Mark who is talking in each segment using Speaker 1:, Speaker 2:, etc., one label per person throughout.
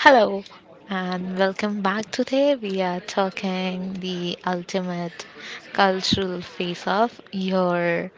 Speaker 1: Hello and welcome back. Today we are talking the ultimate cultural face off. Your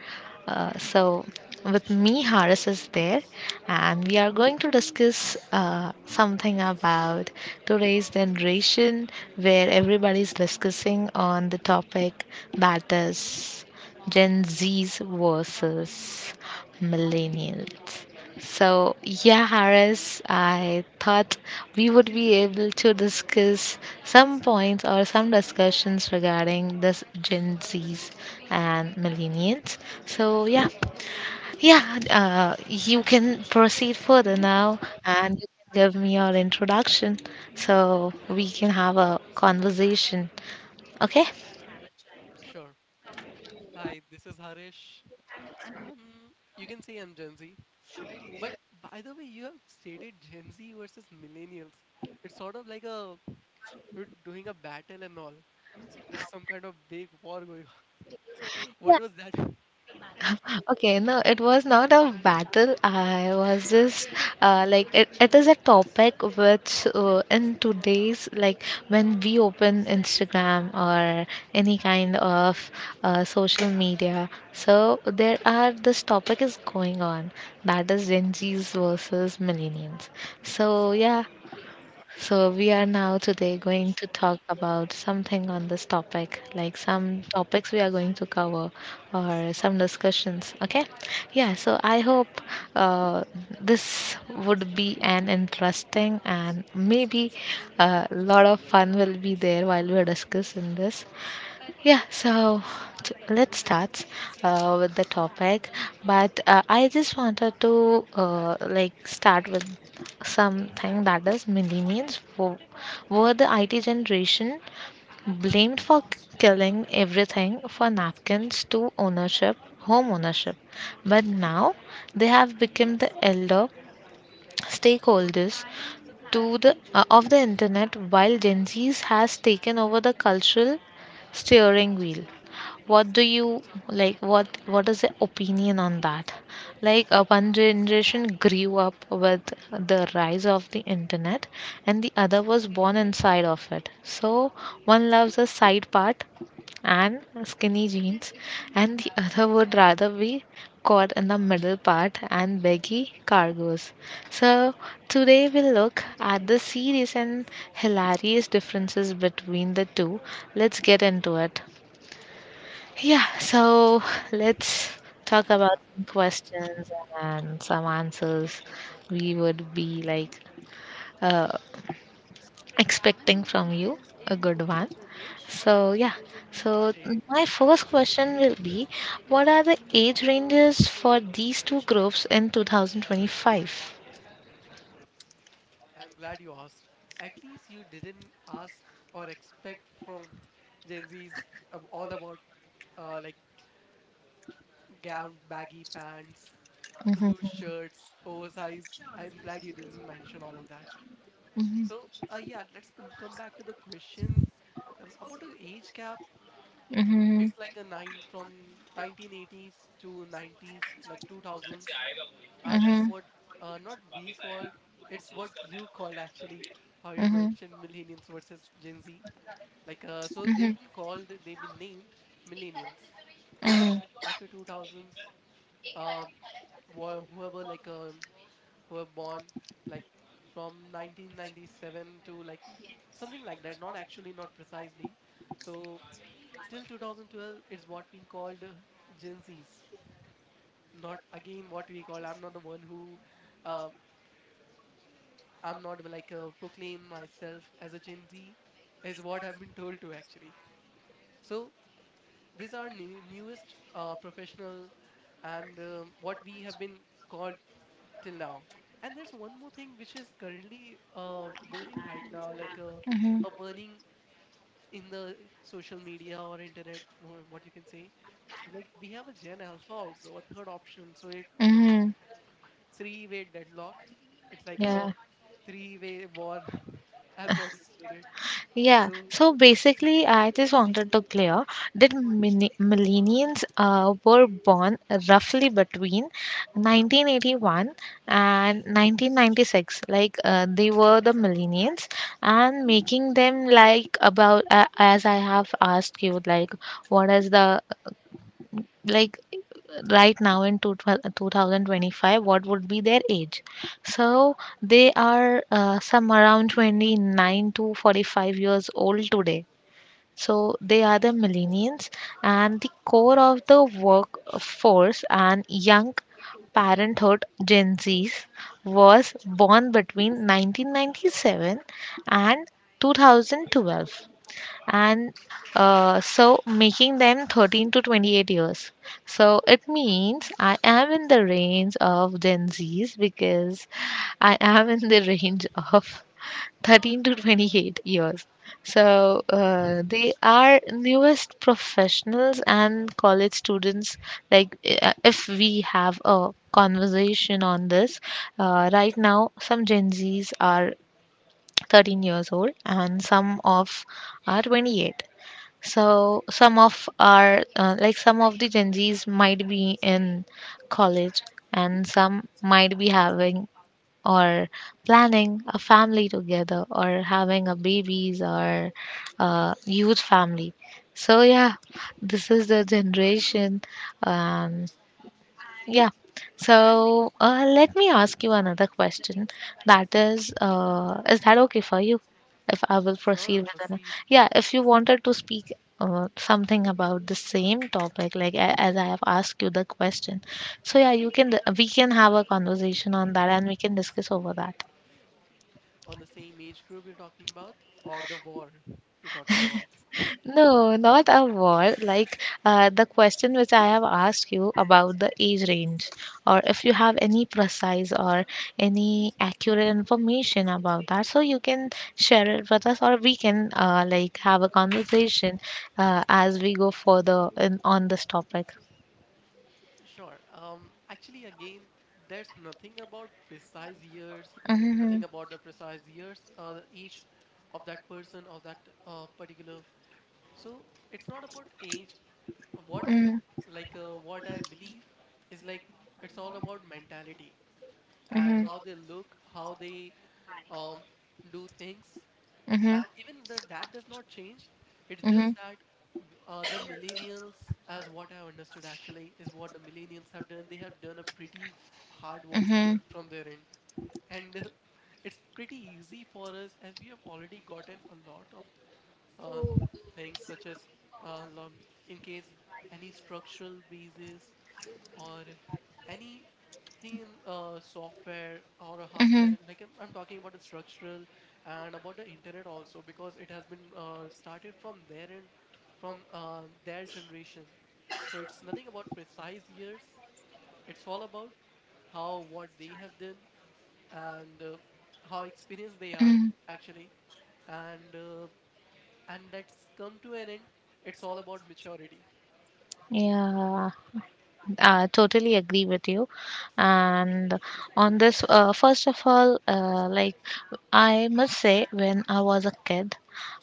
Speaker 1: so with me Harris is there, and we are going to discuss something about today's generation, where everybody's discussing on the topic that is Gen Z's versus millennials. So, Harris, I thought we would be able to discuss some points or some discussions regarding this Gen Zs and millennials. So, yeah, yeah, you can proceed further now, and you can give me your introduction so we can have a conversation. Okay?
Speaker 2: Sure. Hi, this is Harish. Um, you can say I'm Gen Z, but by the way, you have stated Gen Z versus millennials. It's sort of like a you're doing a battle and all. There's some kind of big war going on. What was that?
Speaker 1: Okay, no, it was not a battle. I was just like it is a topic which in today's like when we open Instagram or any kind of social media, so there are this topic is going on that is Gen Zs versus millennials. So yeah, so, we are now today going to talk about something on this topic, like some topics we are going to cover or
Speaker 2: Sure.
Speaker 1: some discussions. Okay, yeah. So, I hope uh, this would be an interesting and maybe a lot of fun will be there while we're discussing this. Yeah, so let's start with the topic. But I just wanted to like start with something, that is, millennials were the IT generation blamed for killing everything, for napkins to ownership, home ownership. But now they have become the elder stakeholders to the of the internet, while Gen Z's has taken over the cultural steering wheel. What do you, like, what is the opinion on that? Like one generation grew up with the rise of the internet, and the other was born inside of it. So one loves a side part and skinny jeans, and the other would rather be caught in the middle part and baggy cargoes. So today we'll look at the serious and hilarious differences between the two. Let's get into it. Yeah, so let's talk about
Speaker 2: Yeah.
Speaker 1: some questions and some answers we would be like uh, expecting from you, a good one. So, yeah, so
Speaker 2: Okay.
Speaker 1: my first question will be, what are the age ranges for these two groups in 2025?
Speaker 2: I'm glad you asked. At least you didn't ask or expect from Gen Z's all about like gown, baggy pants, loose
Speaker 1: Mhm,
Speaker 2: shirts, oversize. I'm glad you didn't mention all of that.
Speaker 1: mhm,
Speaker 2: So, yeah, let's come back to the question about the age gap.
Speaker 1: mhm,
Speaker 2: It's like a nine from 1980s to 90s, like 2000s. Are these
Speaker 1: mhm,
Speaker 2: what not we called? It's what you called actually. How you
Speaker 1: mhm,
Speaker 2: mentioned millennials versus Gen Z. Like so, they've
Speaker 1: mhm,
Speaker 2: been called, they've been named millennials. After
Speaker 1: mhm,
Speaker 2: that, after 2000s, um, whoever like who were born like from 1997 to like something like that, not actually, not precisely, so till 2012, it's what we called Gen Z's. Not again what we call. I'm not the one who uh, I'm not like proclaim myself as a Gen Z. Is what I've been told to actually. So these are new, newest professional and what we have been called till now. And there's one more thing which is currently booming right now, like
Speaker 1: mhm,
Speaker 2: a burning in the social media or internet, what you can say. Like we have a Gen Alpha also, a third option. So it
Speaker 1: mhm.
Speaker 2: three-way deadlock. It's like a
Speaker 1: Yeah.
Speaker 2: three-way war, as what you stated.
Speaker 1: Yeah,
Speaker 2: So
Speaker 1: so basically, I just wanted to clear that millennials were born roughly between 1981 and 1996. Like they were the millennials, and making them like about as I have asked you, like, what is the, like, right now in 2025, what would be their age? So they are some around 29 to 45 years old today, so they are the millennials and the core of the workforce and young parenthood. Gen Zs was born between 1997 and 2012, and so making them 13 to 28 years, so it means I am in the range of Gen Z's, because I am in the range of 13 to 28 years. So they are newest professionals and college students. Like if we have a conversation on this, right now some Gen Zs are 13 years old, and some of are 28. So some of are like, some of the Gen Zs might be in college, and some might be having or planning a family together, or having a babies or a huge family. So yeah, this is the generation. um, yeah, so let me ask you another question, that is, is that okay for you if I will proceed
Speaker 2: sure,
Speaker 1: with another?
Speaker 2: proceed
Speaker 1: Yeah, if you wanted to speak something about the same topic, like as I have asked you the question, so yeah, you can, we can have a conversation on that, and we can discuss over that.
Speaker 2: on the same age group you're talking about or the war you're talking about.
Speaker 1: No, not a wall. Like the question which I have asked you about the age range, or if you have any precise or any accurate information about that, so you can share it with us, or we can like have a conversation as we go further in, on this topic.
Speaker 2: Sure. Actually, again, there's nothing about precise years,
Speaker 1: Mm-hmm,
Speaker 2: nothing about the precise years, the age of that person of that particular. So it's not about age. What I
Speaker 1: mm-hmm,
Speaker 2: like, what I believe is like it's all about mentality and
Speaker 1: mm-hmm,
Speaker 2: how they look, how they um do things,
Speaker 1: mm-hmm,
Speaker 2: and even the, that does not change. It's just
Speaker 1: mm-hmm,
Speaker 2: that the millennials, as what I understood actually, is what the millennials have done. They have done a pretty hard work
Speaker 1: mm-hmm,
Speaker 2: from their end, and it's pretty easy for us as we have already gotten a lot of uh, things such as uh, lon- in case any structural breezes or anything in software or a hardware.
Speaker 1: mm-hmm.
Speaker 2: Like I'm talking about the structural and about the internet also, because it has been started from their end, from their generation. So it's nothing about precise years. It's all about how what they have done, and how experienced they are actually. And and that's come to an end. It's all about maturity.
Speaker 1: Yeah. I totally agree with you. And on this, first of all, like I must say, when I was a kid,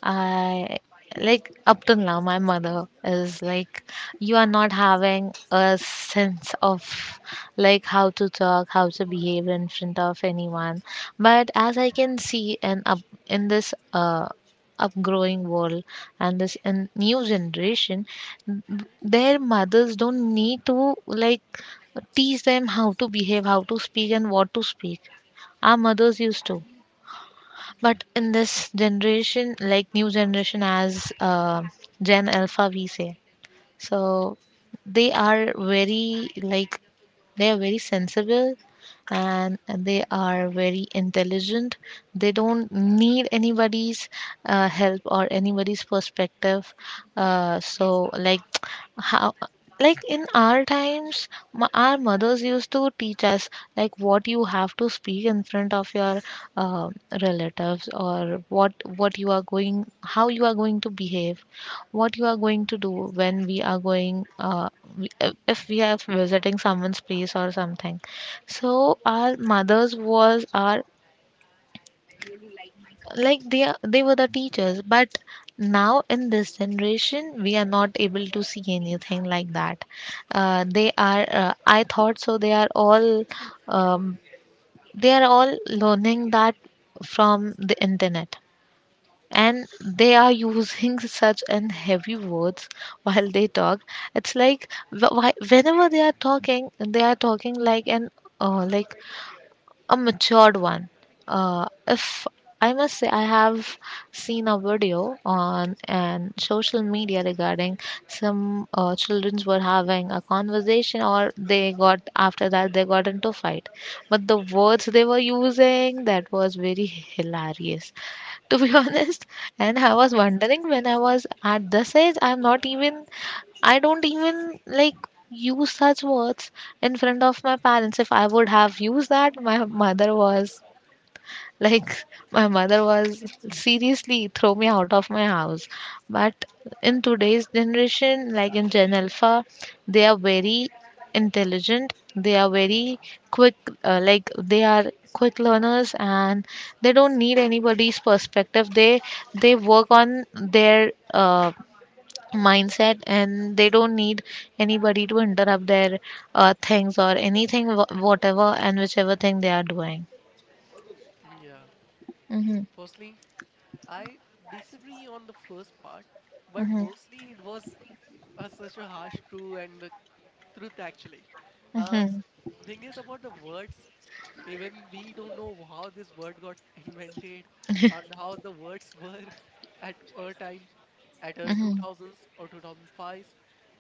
Speaker 1: I like up till now, my mother is like, you are not having a sense of like how to talk, how to behave in front of anyone. But as I can see, and up in this upgrowing world, and this in new generation, their mothers don't need to like teach them how to behave, how to speak, and what to speak. Our mothers used to. But in
Speaker 2: Yeah.
Speaker 1: this generation, like new generation as Gen Alpha, we say, so they are very like, they are very sensible, and they are very intelligent. They don't need anybody's help or anybody's perspective. So like, how, like in our times, our
Speaker 2: Hmm.
Speaker 1: mothers used to teach us like what you have to speak in front of your uh, relatives, or what you are going, how you are going to behave, what you are going to do when we are going uh, if we are visiting someone's place or something. So our mothers was our like, they were the
Speaker 2: Yeah.
Speaker 1: teachers. But now in this generation we are not able to see anything like that. They are I thought so um, they are all learning that from the internet, and they are using such an heavy words while they talk. It's like why, whenever they are talking, they are talking like an like a matured one. If I must say, I have seen a video on and social media regarding some children were having a conversation or they got, after that they got into fight, but the words they were using, that was very hilarious, to be honest. And I was wondering, when I was at this age, I don't even like use such words in front of my parents. If I would have used that, my mother was like my mother was seriously throw me out of my house. But in today's generation, like in Gen Alpha, they are very intelligent. They are very
Speaker 2: Yeah.
Speaker 1: quick. Like they are quick learners, and they don't need anybody's perspective. They work on their mindset, and they don't need anybody to interrupt their things or anything, whatever and whichever thing they are doing.
Speaker 2: Yeah,
Speaker 1: Mm-hmm.
Speaker 2: firstly I disagree on the first part, but mostly it was such a harsh truth and the truth actually. Um,
Speaker 1: Mhm.
Speaker 2: the thing is about the words, even we don't know how this word got invented and how the words were at our time, at our
Speaker 1: Mhm.
Speaker 2: 2000s or 2005s.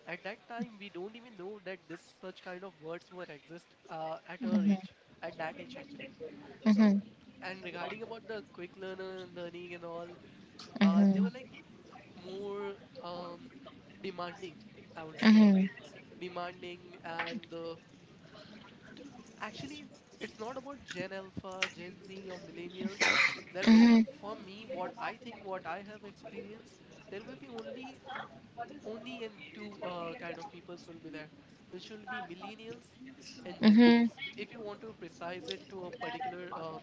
Speaker 2: At that time, we don't even know that this such kind of words were exist at our age, at that age actually. So,
Speaker 1: Mhm.
Speaker 2: and regarding about the quick learner learning and all, they
Speaker 1: Mhm.
Speaker 2: were like more um demanding, I would say.
Speaker 1: Mhm.
Speaker 2: Demanding and t- actually it's not about Gen Alpha, Gen Z or millennials. There will be,
Speaker 1: Mhm.
Speaker 2: for me, what I think, what I have experienced, there will be only only and two kind of peoples will be there, which will be millennials and Gen
Speaker 1: Mhm.
Speaker 2: Z's, if you want to precise it to a particular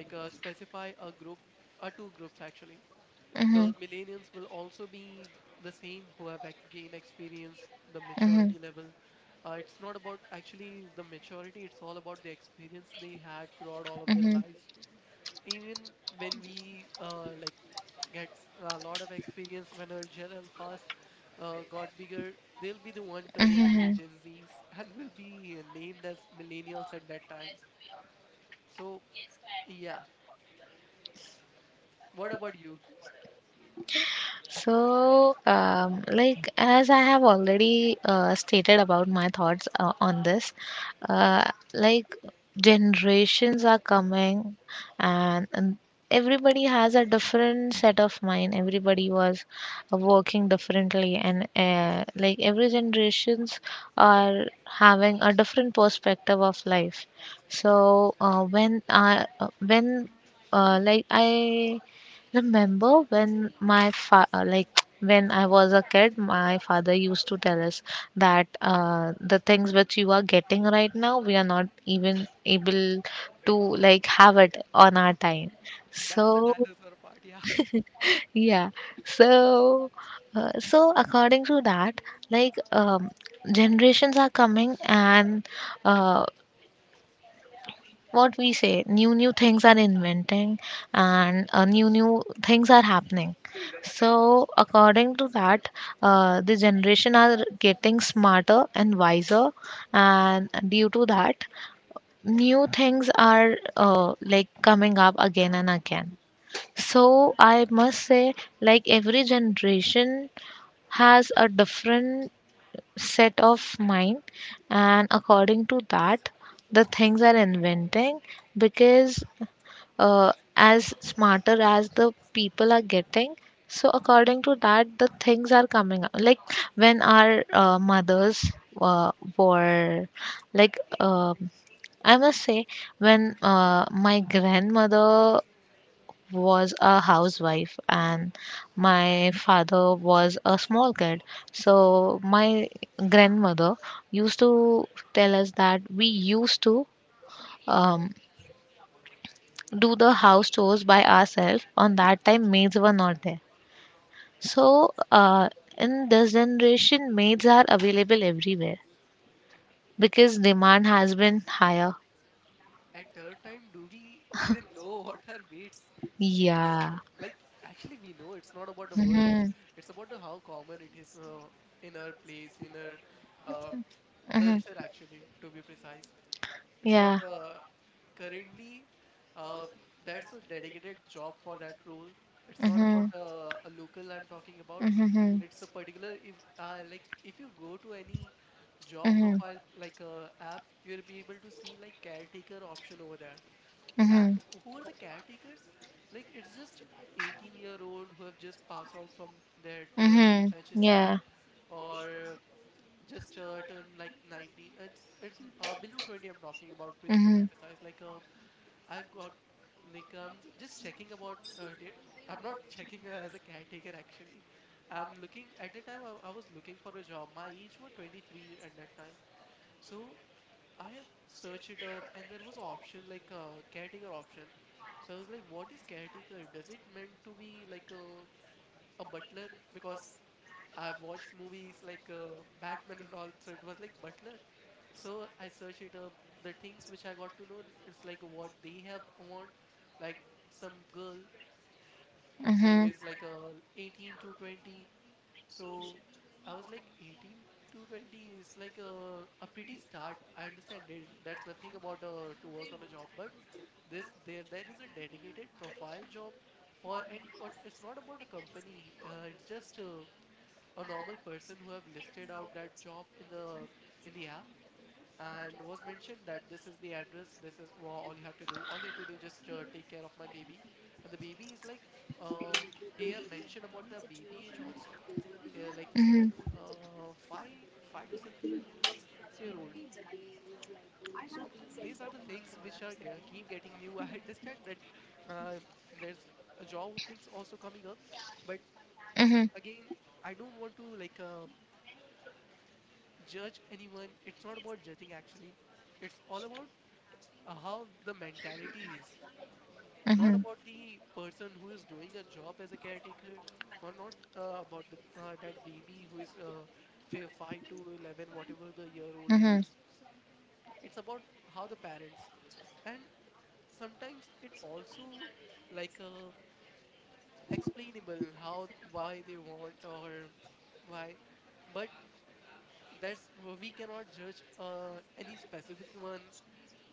Speaker 2: like specify a group, two groups actually. The
Speaker 1: Mhm.
Speaker 2: millennials will also be the same who have gained experience, the
Speaker 1: Mhm.
Speaker 2: maturity level. It's not about actually the maturity, it's all about the experience they had throughout all of their
Speaker 1: Mhm.
Speaker 2: lives. Even when we like get a lot of experience, when our Gen Alphas got bigger, they'll be the one turning to be
Speaker 1: Mhm.
Speaker 2: Gen Z's and will be named as millennials at that time. So yeah, what about you?
Speaker 1: So, like as I have already stated about my thoughts on this, uh, like generations are coming, and everybody has a different set of mind. Everybody was working differently, and like every generations are having a different perspective of life. So when I when like I remember, when my like when I was a kid, my father used to tell us that the things which you are getting right now, we are not even able to like have it on our time.
Speaker 2: That's a
Speaker 1: So
Speaker 2: dinosaur part, yeah.
Speaker 1: yeah, so so according to that, like generations are coming, and uh, what we say, new things are inventing, and uh, new things are happening. So according to that, the generation are getting smarter and wiser, and due to that, new things are like coming up again and again. So I must say, like every generation has a different set of mind, and according to that the things are inventing. Because as smarter as the people are getting, so according to that the things are coming up, like when our uh, mothers uh, were like um, I must say, when my grandmother was a housewife and my father was a small kid, so my grandmother used to tell us that we used to um, do the house chores by ourselves. On that time, maids were
Speaker 2: Yeah.
Speaker 1: not there. So, in this generation, maids are available everywhere, because demand has been higher.
Speaker 2: At third time do we even know what are baits?
Speaker 1: Yeah.
Speaker 2: Like actually we know it's not about the word. it's,
Speaker 1: Mm-hmm.
Speaker 2: it's about the how common it is in our place, in our um culture
Speaker 1: Mm-hmm.
Speaker 2: actually, to be precise. It's not
Speaker 1: Yeah.
Speaker 2: currently uh, there's a dedicated job for that role. It's not
Speaker 1: Mm-hmm.
Speaker 2: about a local I'm talking about.
Speaker 1: Mm-hmm.
Speaker 2: It's a particular, if like if you go to any job
Speaker 1: Mm-hmm.
Speaker 2: profile, like app, you'll be able to see like caretaker option over there. And
Speaker 1: Mm-hmm.
Speaker 2: who are the caretakers? Like it's just 18-year-old who have just passed out from their 12th
Speaker 1: Mm-hmm.
Speaker 2: HSC
Speaker 1: Yeah.
Speaker 2: or just turned like 19. It's it's below 20. I'm talking about to be
Speaker 1: Mm-hmm.
Speaker 2: precise. Like I got like I'm just checking about it. I'm not checking her as a caretaker actually. I'm looking at the time I was looking for a job. My age were 23 at that time. So I have searched it up and there was option like a caretaker option. So I was like, what is caretaker? Does it meant to be like a butler? Because I've watched movies like Batman and all, so it was like butler. So I searched it up. The things which I got to know, it's like what they have want, like some girl who
Speaker 1: Mm-hmm.
Speaker 2: is like a 18 to 20. So I was like 18 to 20 is like a pretty start. I understand it. That's nothing about to work on a job, but this there is a dedicated profile job for, and it's not about a company. It's just a normal person who have listed out that job in the app, and was mentioned that this is the address. This is all you have to do. All you have to do just take care of my baby. And the baby is like uh, he have mentioned about the baby age also here, like
Speaker 1: Mm-hmm.
Speaker 2: 5 to 6 year old. So these are the things which are keep getting new. I understand that uh, there's a job openings also coming up, but again, I don't want to like judge anyone. It's not about judging actually. It's all about how the mentality is, not
Speaker 1: Mm-hmm.
Speaker 2: about the person who is doing a job as a caretaker, or not about the that baby who is 5 to 11, whatever the year old
Speaker 1: Mm-hmm.
Speaker 2: is. It's about how the parents and sometimes it also like explainable how why they want or why, but that's we cannot judge any specific one.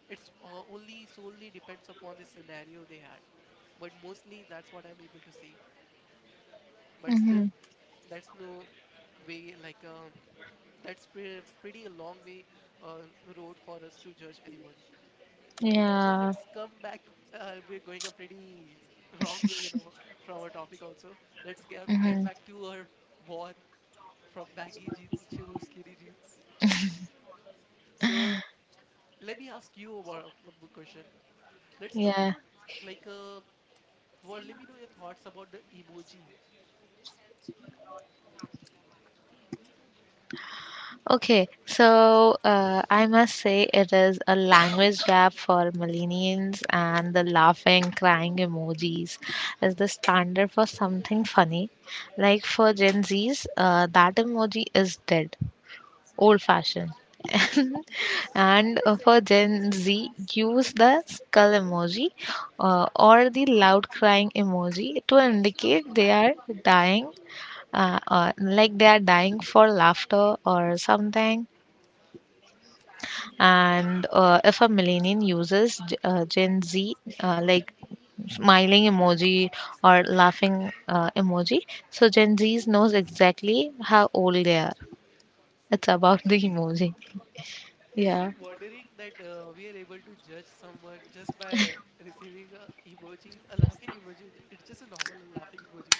Speaker 2: It's only solely depends upon the scenario they had, but mostly that's what I'm able to see. But still
Speaker 1: Mm-hmm.
Speaker 2: that's no way like that's pretty a long way uh, road for us to judge anyone. So
Speaker 1: Yeah.
Speaker 2: let's come back. We're going a pretty wrong way, you know, from our topic also. Let's get
Speaker 1: Mm-hmm.
Speaker 2: back to our war, from baggy jeans to skinny jeans. So let me ask you about one more question. Let's talk
Speaker 1: Yeah.
Speaker 2: about like well, let me know your thoughts about the emoji.
Speaker 1: Okay, so I must say, it is a language gap for millennials, and the laughing, crying emojis is the standard for something funny. Like for Gen Zs, that emoji is dead, old fashioned. And for Gen Z, use the skull emoji or the loud crying emoji to indicate they are dying, like they are dying for laughter or something. And if a millennial uses Gen Z, like smiling emoji or laughing emoji, so Gen Zs knows exactly how old they are. It's about the
Speaker 2: Actually,
Speaker 1: emoji.
Speaker 2: isn't it
Speaker 1: Yeah.
Speaker 2: wondering that we are able to judge someone just by receiving a emoji, a laughing emoji? It's just a normal laughing emoji.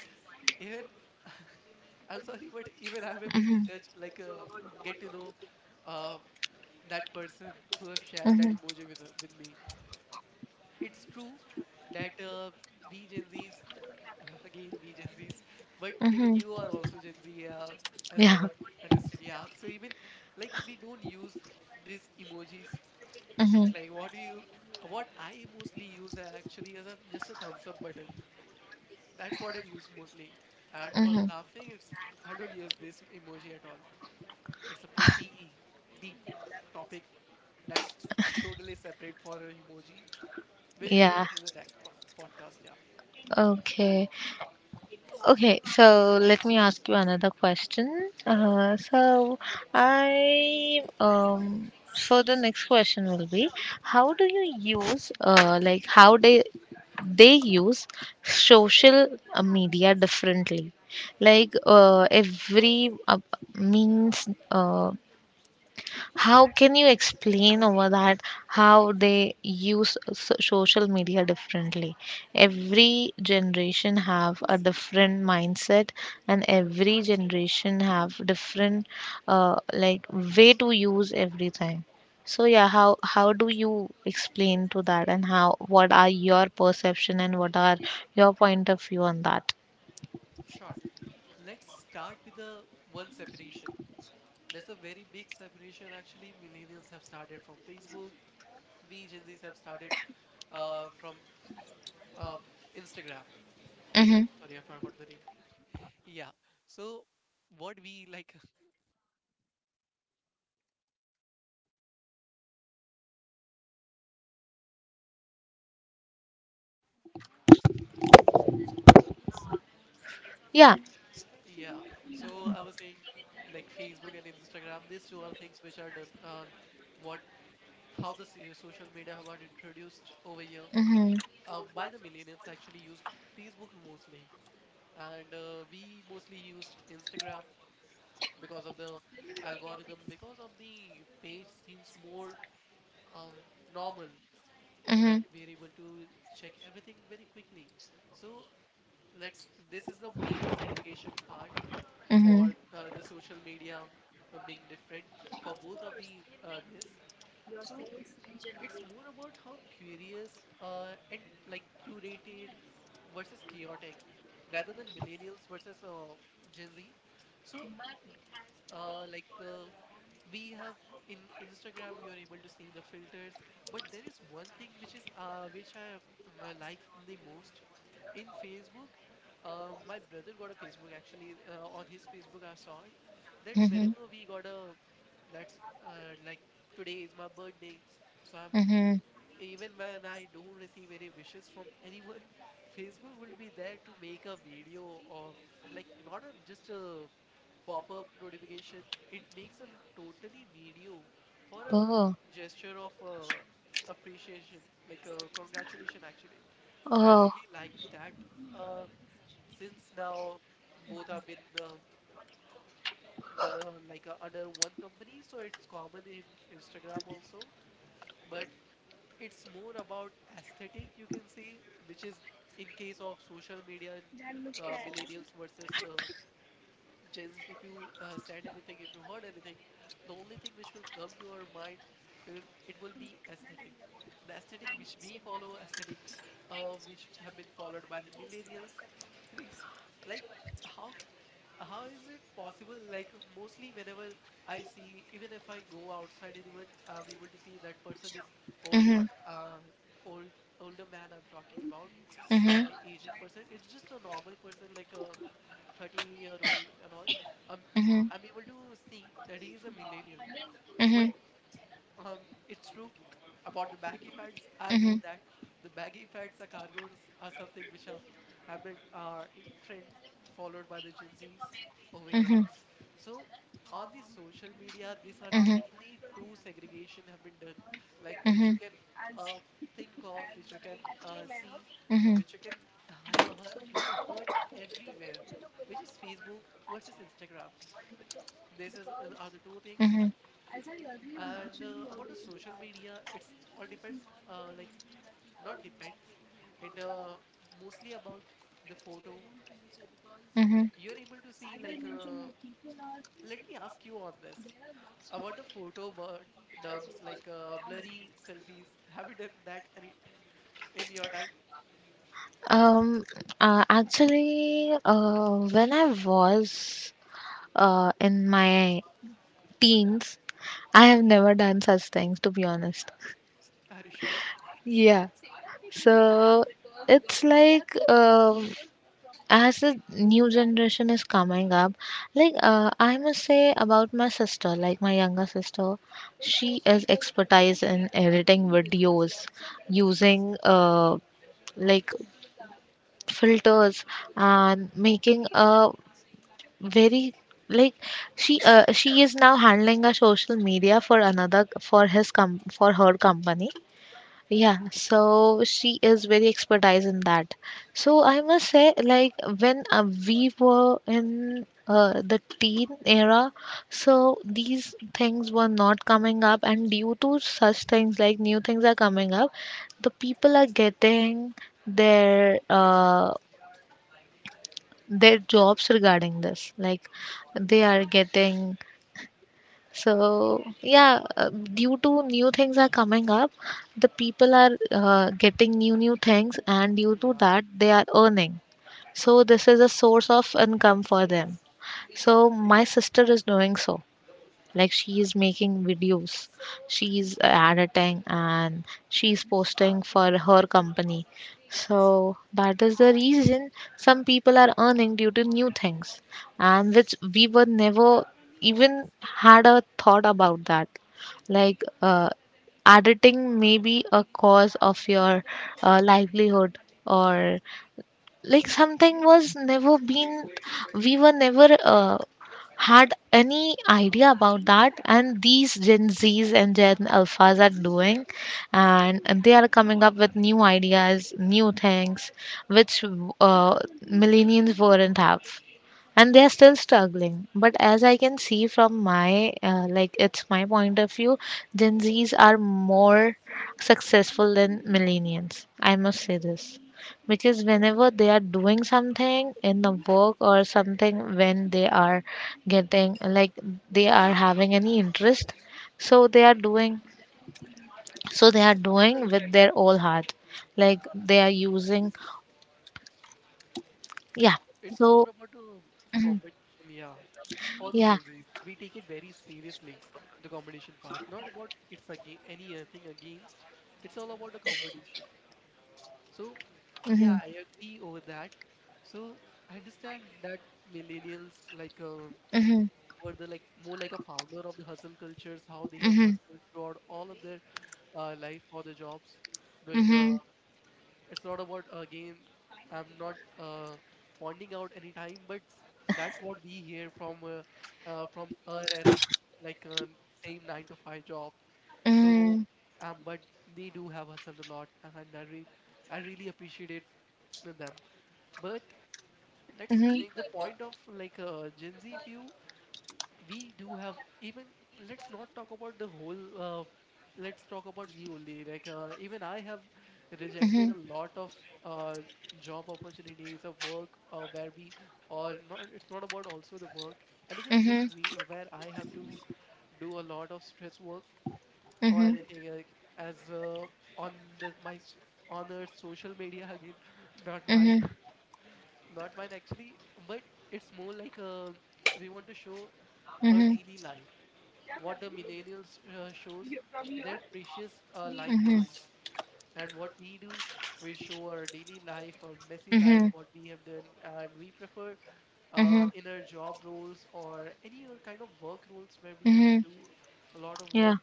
Speaker 2: Even I'm sorry, but even I'm able to judge, like, get to know uh, that person who have shared that
Speaker 1: Mm-hmm.
Speaker 2: emoji with me. It's true that we Gen Z's, again we Gen Z's, but even you
Speaker 1: Mm-hmm.
Speaker 2: are also Gen Z, as I
Speaker 1: Yeah.
Speaker 2: would understood. Yeah, so even like we don't use these emojis.
Speaker 1: Mm-hmm.
Speaker 2: Like, what do you? What I mostly use are actually is a, just a thumbs up button. That's what I use mostly. And for the
Speaker 1: Mm-hmm.
Speaker 2: laughing, it's I don't use this emoji at all. It's a pretty deep topic. That's totally separate for a emoji. We'll do it
Speaker 1: Yeah.
Speaker 2: in the next po podcast, yeah.
Speaker 1: Okay. Okay, so let me ask you another question. So I so the next question will be, how do you use, like how they use social media differently? Like every, means, how can you explain over that, how they use social media differently? Every generation have a different mindset, and every generation have different like way to use everything. So yeah, how do you explain to that, and how, what are your perception and what are your point of view on that?
Speaker 2: Sure. Let's start with the one separation. There's a very big separation actually. Millennials have started from Facebook. We Gen Z's have started from um, Instagram.
Speaker 1: Mm-hmm.
Speaker 2: Sorry, I forgot the name. Yeah. So what we like.
Speaker 1: Yeah.
Speaker 2: Yeah. So I was saying like Facebook and Instagram, these two are things which are done what how the social media have got introduced over here
Speaker 1: Mm-hmm.
Speaker 2: by the millennials. Actually used Facebook mostly, and we mostly used Instagram because of the algorithm, because of the page seems more um normal.
Speaker 1: Mm-hmm.
Speaker 2: Like we're able to check everything very quickly. So let's this is the main segregation part for
Speaker 1: Mm-hmm.
Speaker 2: the social media being different for both of the uh, this so it's more about how curious and like curated versus chaotic, rather than millennials versus Gen Z. So uh, like uh, we have in Instagram you're able to see the filters, but there is one thing which is which I liked the most in Facebook. My brother got a Facebook actually. On his Facebook, I saw it that
Speaker 1: Mm-hmm.
Speaker 2: whenever we got a that's like today is my birthday, so I'm,
Speaker 1: Mm-hmm.
Speaker 2: even when I don't receive any wishes from anyone, Facebook will be there to make a video of, like, not a, just a pop-up notification. It makes a l- totally video for a
Speaker 1: Oh.
Speaker 2: gesture of appreciation, like a congratulation actually. So I
Speaker 1: Oh.
Speaker 2: really like that. Uh, since now both have been done, like under one company, so it's common in Instagram also. But it's more about aesthetic, you can say, which is in case of social media and millennials versus Jesus, if you said anything, if you heard anything, the only thing which will come to our mind, uh, it will be aesthetic. The aesthetic which we follow, aesthetic which have been followed by the millennials. Re- Like how how is it possible? Like mostly whenever I see, even if I go outside, anyone, I'm able to see that person is old, not
Speaker 1: Mhm.
Speaker 2: old, older man I'm talking about, uh,
Speaker 1: Mhm.
Speaker 2: aged person. It's just a normal person, like a 30-year-old and all. Um,
Speaker 1: Mhm.
Speaker 2: I'm able to see that he is a millennial. But
Speaker 1: Mhm.
Speaker 2: um, it's true about the baggy pants. I
Speaker 1: Mhm.
Speaker 2: agree that the baggy pants, the cargos are something which have been in trend, followed by the Gen Zs over here.
Speaker 1: Mhm.
Speaker 2: So on the social media, these are the
Speaker 1: Mhm.
Speaker 2: mainly two segregation have been done, like which you
Speaker 1: Mhm.
Speaker 2: can uh, think of, which you can see,
Speaker 1: Mhm.
Speaker 2: which you can have like heard everywhere, which is Facebook versus Instagram. This is are the two things.
Speaker 1: Mhm.
Speaker 2: And about the social media, it's all depends, uh, like not depends, it mostly about the photo.
Speaker 1: Mhm.
Speaker 2: You're able to see like. Let me ask you on this. I want a photo but dumps, like, blurry selfies. Have you done that any in your time?
Speaker 1: Um, actually, when I was in my teens, I have never done such things, to be honest.
Speaker 2: Are you sure?
Speaker 1: Yeah. So it's like as the new generation is coming up, like I must say about my sister, like my younger sister, she is expertise in editing videos using, like, filters, and making a very, like, she is now handling a social media for another, for for her company. Yeah, so she is very expertise in that. So I must say, like, when we were in the teen era, so these things were not coming up, and due to such things, like, new things are coming up, the people are getting their, their jobs regarding this. Like, they are getting, so yeah, due to new things are coming up, the people are getting new things, and due to
Speaker 2: Yeah,
Speaker 1: that they are earning. So this is a source of income for them. So my sister is doing so, like, she is making videos, she is editing, and she is posting for her company. So that is the reason some people are earning due to new things, and which we were never even had a thought about that. Like editing may be a cause of your livelihood, or like something was never been, we were never had any idea about that. And these Gen Z's and Gen Alphas are doing, and they are coming up with new ideas, new things, which, uh, millennials wouldn't have, and they are still struggling. But as I can see from my, like, it's my point of view, Gen Z's are more successful than millennials, I must say this, because whenever they are doing something in the work or something, when they are getting, like, they are having any interest, so they are doing, so they are doing with their whole heart, like they are using, yeah.
Speaker 2: it's more
Speaker 1: So
Speaker 2: about a competition. Yeah, for the
Speaker 1: yeah.
Speaker 2: Gen Zs, we take it very seriously. The competition part, not about it's again any thing against. It's all about the competition. So
Speaker 1: Hmm.
Speaker 2: yeah, I agree over that. So I understand that millennials, like,
Speaker 1: Hmm.
Speaker 2: were the, like, more like a founder of the hustle cultures, how they have
Speaker 1: Hmm.
Speaker 2: hustled throughout all of their life for the jobs, doing
Speaker 1: Mhm.
Speaker 2: it's not about again, I'm not pointing out any time, but that's what we hear from our era like same 9 to 5 job. So
Speaker 1: Mhm.
Speaker 2: but they do have hustled a lot and I really appreciated them. But let's
Speaker 1: Mhm.
Speaker 2: take the point of, like, Gen Z view. We do have, even, let's not talk about the whole let's talk about me only, like, even I have rejected
Speaker 1: Mhm.
Speaker 2: a lot of uh, job opportunities of work where we, or not, it's not about also the work, anything which
Speaker 1: Mhm.
Speaker 2: we where I have to do a lot of stress work or
Speaker 1: Mhm.
Speaker 2: anything as on the my s- on our social media again not mine
Speaker 1: Mhm.
Speaker 2: not mine actually. But it's more like we want to show our
Speaker 1: Mhm.
Speaker 2: daily life, what the millennials shows their precious life
Speaker 1: Mhm.
Speaker 2: moments, and what we do, we show our daily life, our messy life,
Speaker 1: Mhm.
Speaker 2: what we have done. And we prefer
Speaker 1: Mhm.
Speaker 2: in our job roles or any other kind of work roles where we have to
Speaker 1: Mhm.
Speaker 2: do a lot of
Speaker 1: Yeah.
Speaker 2: work,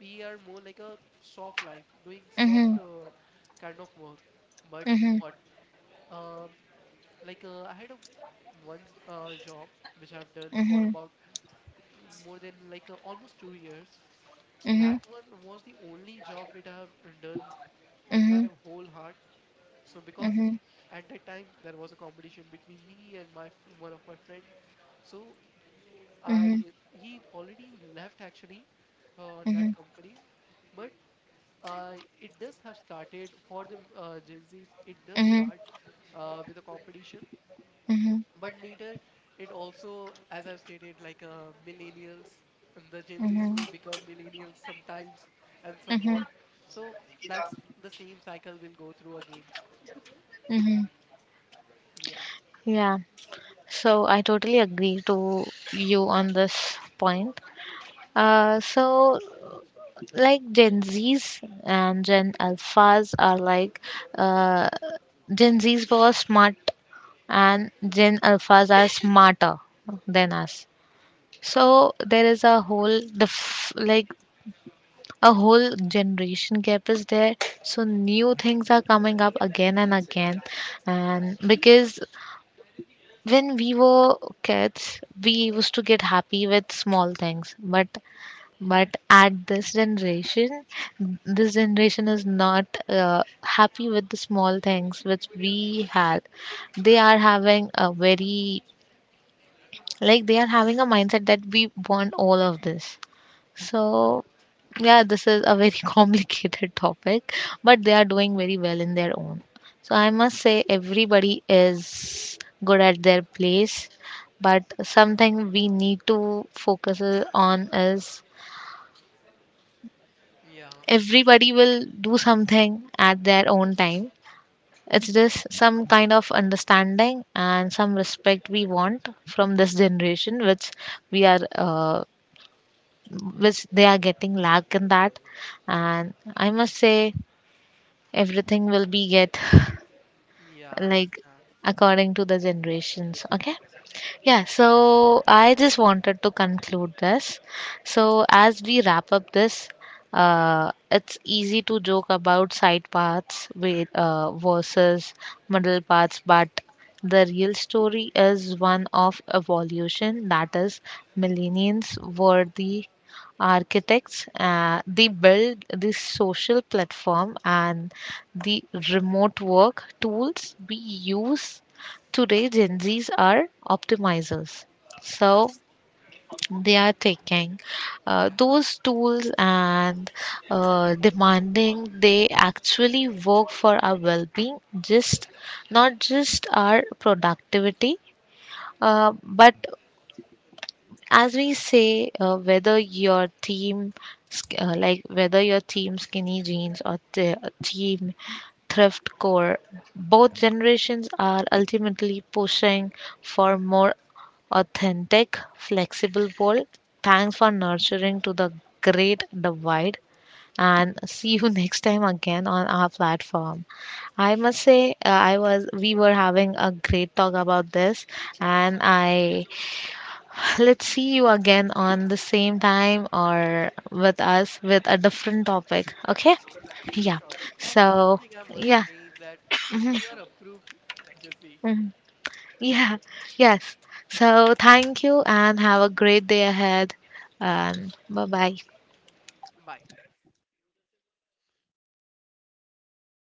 Speaker 2: we are more like a soft life, doing soft
Speaker 1: Mhm.
Speaker 2: kind of work. But
Speaker 1: Mhm.
Speaker 2: what, um, I had a once job which I've done for
Speaker 1: Mhm.
Speaker 2: about more than, like, almost 2 years. That
Speaker 1: Mhm.
Speaker 2: one was the only job which I have done with my
Speaker 1: Mhm.
Speaker 2: whole heart. So because
Speaker 1: Mhm. Mhm.
Speaker 2: at that time there was a competition between me and my one of my friend. So I
Speaker 1: Mhm.
Speaker 2: he already left actually that company. But it does have started for the Gen Zs. It does
Speaker 1: Mhm. Mhm.
Speaker 2: start with a competition, but later it also, as I've stated, like, millennials and the Gen Zs
Speaker 1: Mhm.
Speaker 2: will become millennials sometimes and somewhat.
Speaker 1: Mhm.
Speaker 2: So that's the same cycle we'll go through again.
Speaker 1: Mhm.
Speaker 2: yeah
Speaker 1: Yeah. So I totally agree to you on this point. So like Gen Zs and Gen Alphas are like, uh, Gen Zs were smart and Gen Alphas are smarter than us. So there is a whole, like, a whole generation gap is there. So new things are coming up again and again. And because when we were kids, we used to get happy with small things, but at this generation is not happy with the small things which we had. They are having a very, like they are having a mindset that we want all of this. So yeah, this is a very
Speaker 2: yeah
Speaker 1: complicated topic, but they are doing very well in their own. So I must say everybody is good at their place, but something we need to focus on is,
Speaker 2: yeah I can
Speaker 1: everybody will do something at their own time. It's just some kind of understanding and some respect we want from this generation, which we are, which they are getting lack in that. And I must say, everything will be get
Speaker 2: yeah i
Speaker 1: like
Speaker 2: understand
Speaker 1: according to the generations. Okay. Yeah, so I just wanted to conclude this. So, as we wrap up this, it's easy to joke about side paths with, versus middle paths, but the real story is one of evolution. That is, millennials were the architects, they build the social platform and the remote work tools we use today. Gen Zs are optimizers. So they are taking
Speaker 2: yeah
Speaker 1: those tools and demanding they actually work for our well-being, just not just our productivity, but as we say, whether your team like, whether your team skinny jeans or the team thrift core, both generations are ultimately pushing for more authentic, flexible world. Thanks for nurturing to the great divide, and see you next time again on our platform. I must
Speaker 2: sure.
Speaker 1: say, I was we were having a great talk about this. And I, let's see you again on the same time or with us with a different topic. Okay? Yeah.
Speaker 2: Sure, and one
Speaker 1: So,
Speaker 2: thing I must
Speaker 1: yeah.
Speaker 2: say that you are approved, Jesse.
Speaker 1: Mhm.
Speaker 2: Yeah.
Speaker 1: Yeah. Yes. So, thank you and have a great day ahead. And bye bye.
Speaker 2: Bye.